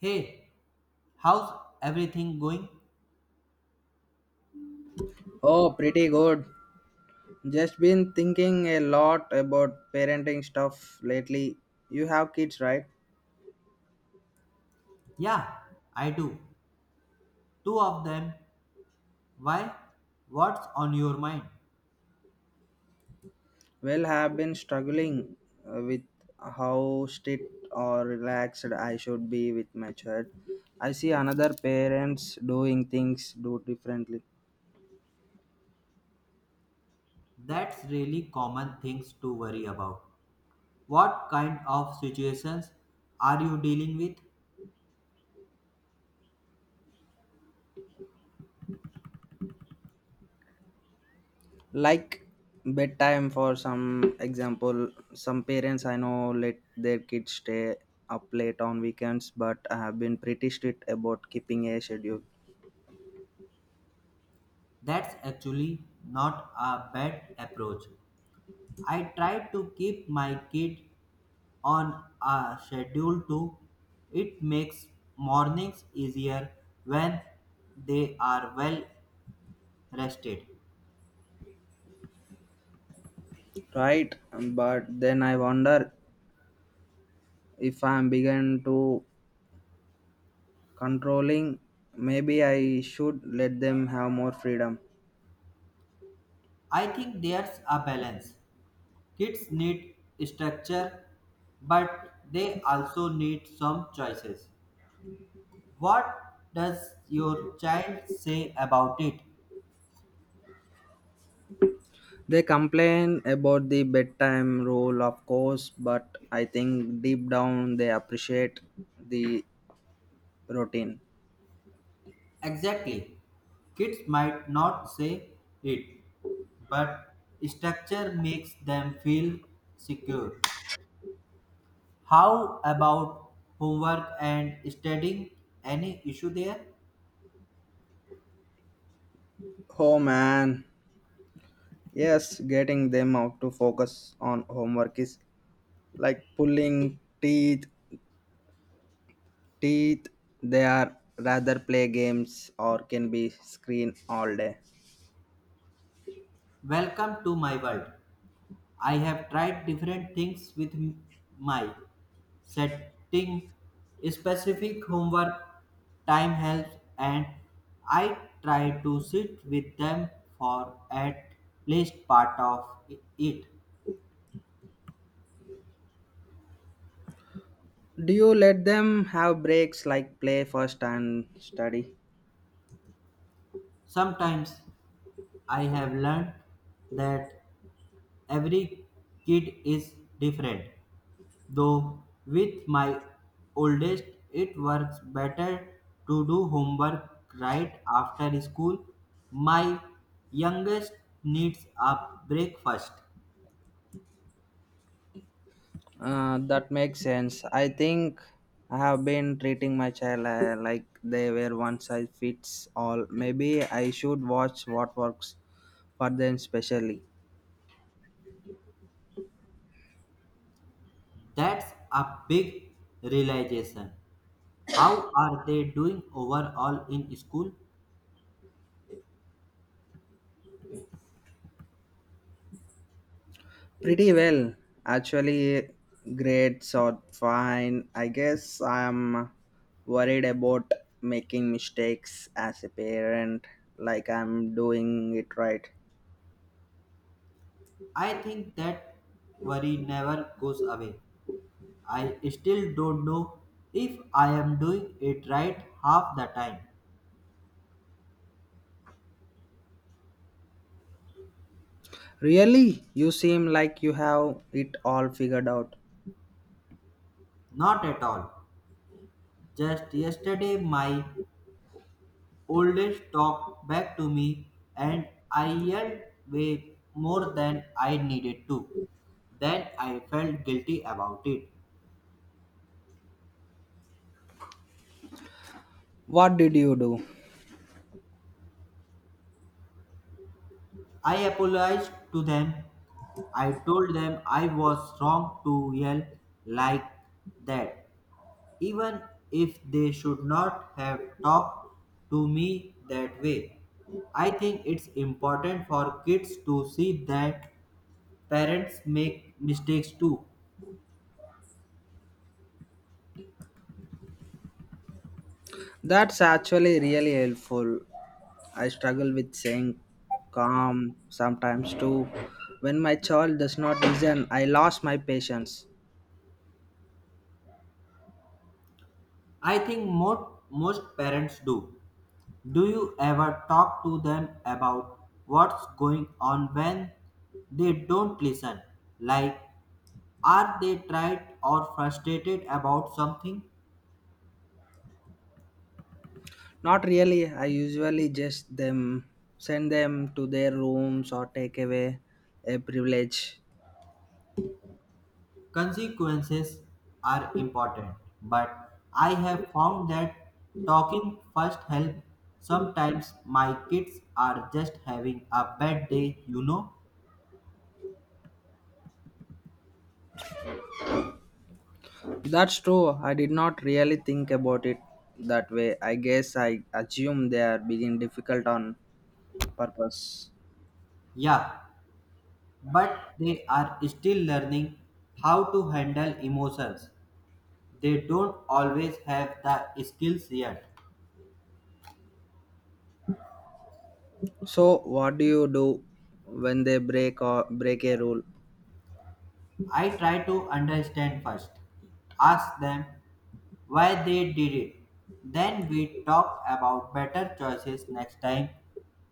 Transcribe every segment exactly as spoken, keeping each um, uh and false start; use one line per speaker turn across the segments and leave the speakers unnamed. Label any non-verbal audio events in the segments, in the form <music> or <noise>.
Hey, how's everything going?
Oh, pretty good. Just been thinking a lot about parenting stuff lately. You have kids, right?
Yeah, I do. Two of them. Why? What's on your mind?
Well, have been struggling uh, with how strict or relaxed I should be with my child. I see another parents doing things do differently.
That's really common things to worry about. What kind of situations are you dealing with?
Like bedtime for some example, some parents I know let their kids stay up late on weekends, but I have been pretty strict about keeping a schedule.
That's actually not a bad approach. I try to keep my kid on a schedule too. It makes mornings easier when they are well rested.
Right, but then I wonder if I'm begin to controlling. Maybe I should let them have more freedom.
I think there's a balance. Kids need structure, but they also need some choices. What does your child say about it?
They complain about the bedtime rule, of course, but I think deep down they appreciate the routine.
Exactly. Kids might not say it, but structure makes them feel secure. How about homework and studying? Any issue there?
Oh man, yes, getting them out to focus on homework is like pulling teeth teeth They are rather play games or can be screen all day.
Welcome to my world. I have tried different things with m- my Setting specific homework time helps, and I try to sit with them for at least part of it.
Do you let them have breaks like play first and study?
Sometimes I have learned that every kid is different, though, with my oldest, it works better to do homework right after school. My youngest needs a break first.
Uh, that makes sense. I think I have been treating my child uh, like they were one size fits all. Maybe I should watch what works for them specially.
That's a big realization. How are they doing overall in school?
Pretty well. Actually, grades are fine. I guess I'm worried about making mistakes as a parent, like I'm doing it right.
I think that worry never goes away. I still don't know if I am doing it right half the time.
Really? You seem like you have it all figured out.
Not at all. Just yesterday, my oldest talked back to me and I yelled way more than I needed to. Then I felt guilty about it.
What did you do?
I apologized to them. I told them I was wrong to yell like that, even if they should not have talked to me that way. I think it's important for kids to see that parents make mistakes too.
That's actually really helpful. I struggle with saying calm sometimes too. When my child does not listen, I lost my patience.
I think most most parents do. Do you ever talk to them about what's going on when they don't listen? Like, are they tried or frustrated about something?
Not really. I usually just them send them to their rooms or take away a privilege.
Consequences are important, but I have found that talking first help. Sometimes my kids are just having a bad day, you know.
That's true. I did not really think about it that way. I guess I assume they are being difficult on purpose.
Yeah, but they are still learning how to handle emotions. They don't always have the skills yet.
So, what do you do when they break or break a rule?
I try to understand first, ask them why they did it. Then we talk about better choices next time.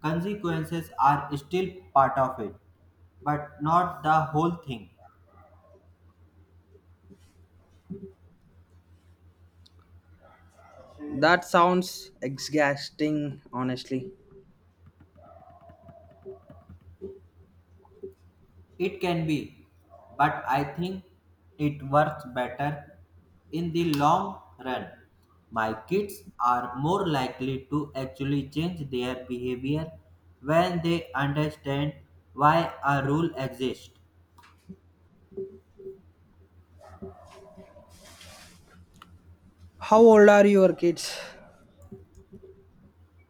Consequences are still part of it, but not the whole thing.
That sounds exhausting, honestly.
It can be, but I think it works better in the long run. My kids are more likely to actually change their behavior when they understand why a rule exists.
How old are your kids?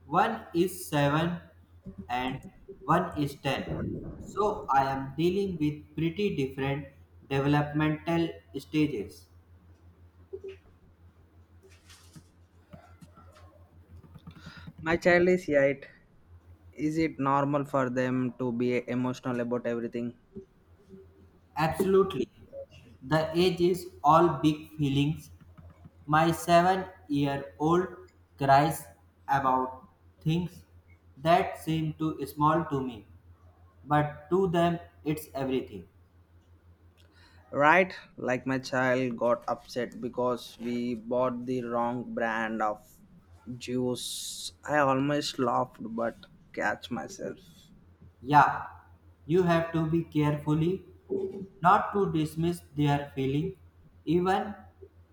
One is seven and one is ten, so I am dealing with pretty different developmental stages.
My child is eight. Is it normal for them to be emotional about everything?
Absolutely, the age is all big feelings. My seven-year-old cries about things that seem too small to me, but to them it's everything.
Right, like my child got upset because we bought the wrong brand of juice. I almost laughed but catch myself.
Yeah, you have to be carefully not to dismiss their feeling, even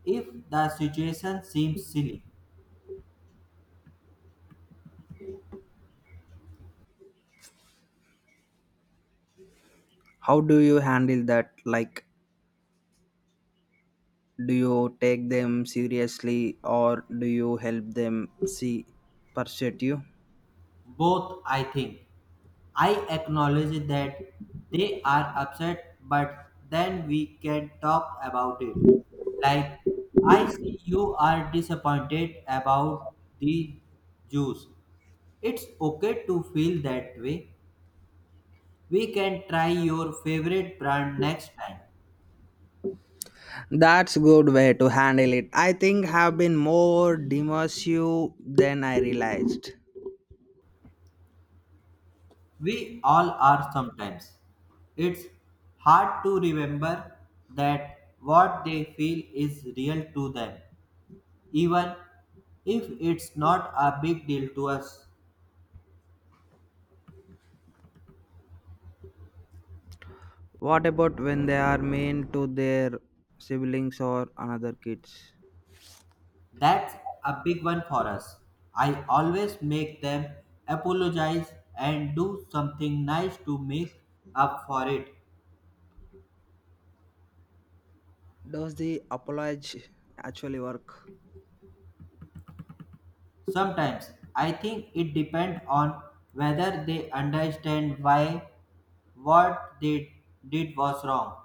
if the situation seems silly.
How do you handle that? Like, do you take them seriously or do you help them see pursue you?
Both, I think. I acknowledge that they are upset, but then we can talk about it. Like, I see you are disappointed about the juice. It's okay to feel that way. We can try your favorite brand next time.
That's good way to handle it. I think have been more dismissive than I realized.
We all are sometimes. It's hard to remember that what they feel is real to them, even if it's not a big deal to us.
What about when they are mean to their siblings or another kids?
That's a big one for us. I always make them apologize and do something nice to make up for it.
Does the apology actually work?
Sometimes I think it depends on whether they understand why what they did was wrong.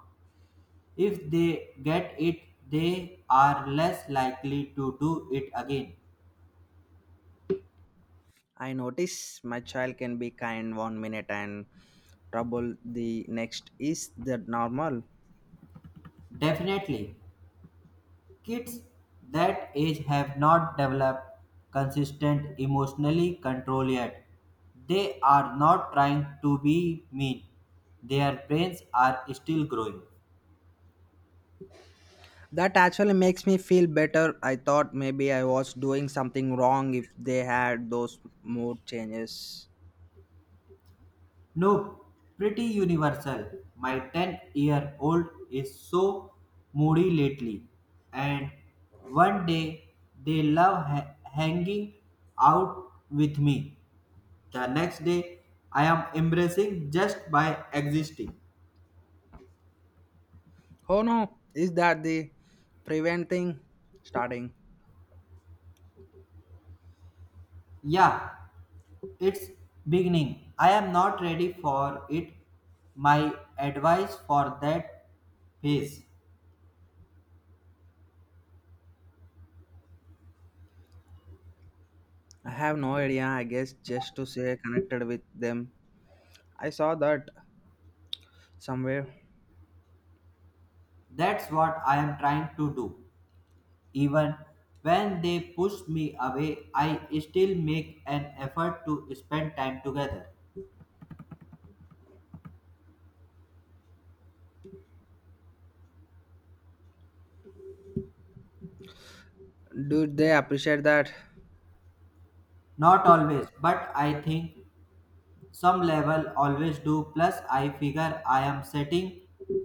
If they get it, they are less likely to do it again.
I notice my child can be kind one minute and trouble the next. Is that normal?
Definitely, kids that age have not developed consistent emotionally control yet. They are not trying to be mean. Their brains are still growing.
That actually makes me feel better. I thought maybe I was doing something wrong if they had those mood changes.
No, pretty universal. My ten-year-old is so moody lately, and one day they love ha- hanging out with me. The next day I am embracing just by existing.
Oh no, is that the preventing starting?
Yeah, it's beginning. I am not ready for it. My advice for that phase.
I have no idea, I guess, just to stay connected with them. I saw that somewhere.
That's what I am trying to do. Even when they push me away, I still make an effort to spend time together.
Do they appreciate that?
Not always, but I think some level always do. Plus, I figure I am setting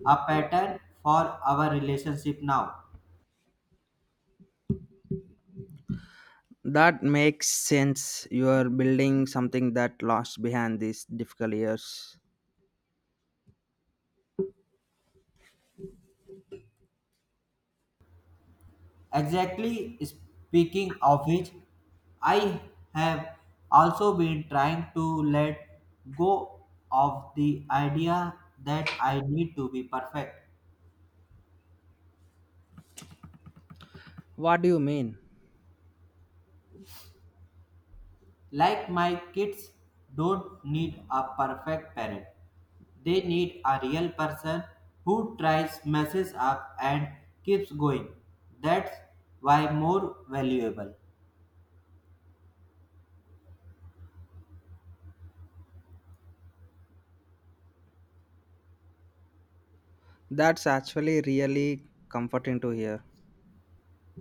a pattern for our relationship now.
That makes sense. You are building something that lost behind these difficult years.
Exactly speaking of which, I have also been trying to let go of the idea that I need to be perfect.
What do you mean?
Like my kids don't need a perfect parent. They need a real person who tries, messes up, and keeps going. That's why more valuable.
That's actually really comforting to hear.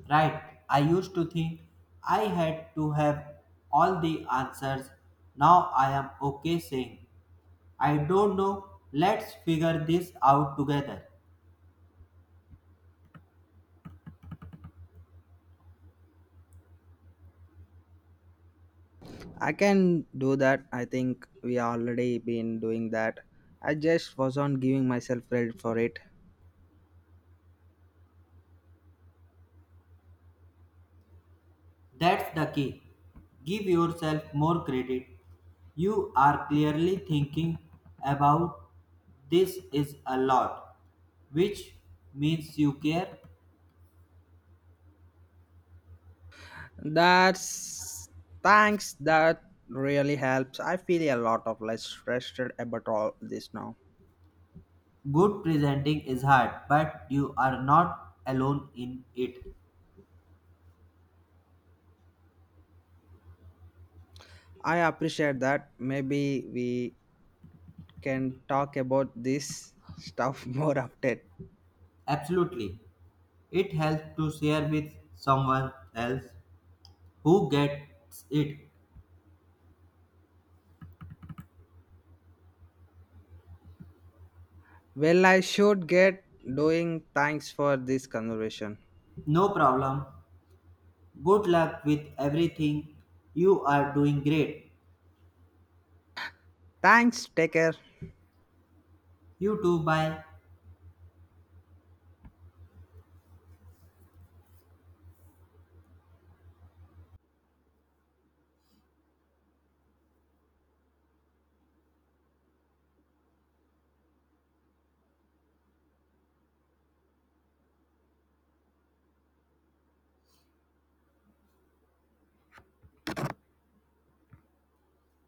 Right, I used to think I had to have all the answers. Now I am okay saying, I don't know, let's figure this out together.
I can do that. I think we already been doing that. I just wasn't giving myself credit for it.
That's the key. Give yourself more credit. You are clearly thinking about this is a lot, which means you care.
That's thanks. That really helps. I feel a lot of less stressed about all this now.
Good presenting is hard, but you are not alone in it.
I appreciate that. Maybe we can talk about this stuff <laughs> more often.
Absolutely. It helps to share with someone else who gets it.
Well, I should get doing. Thanks for this conversation.
No problem. Good luck with everything. You are doing great.
Thanks. Take care.
You too. Bye.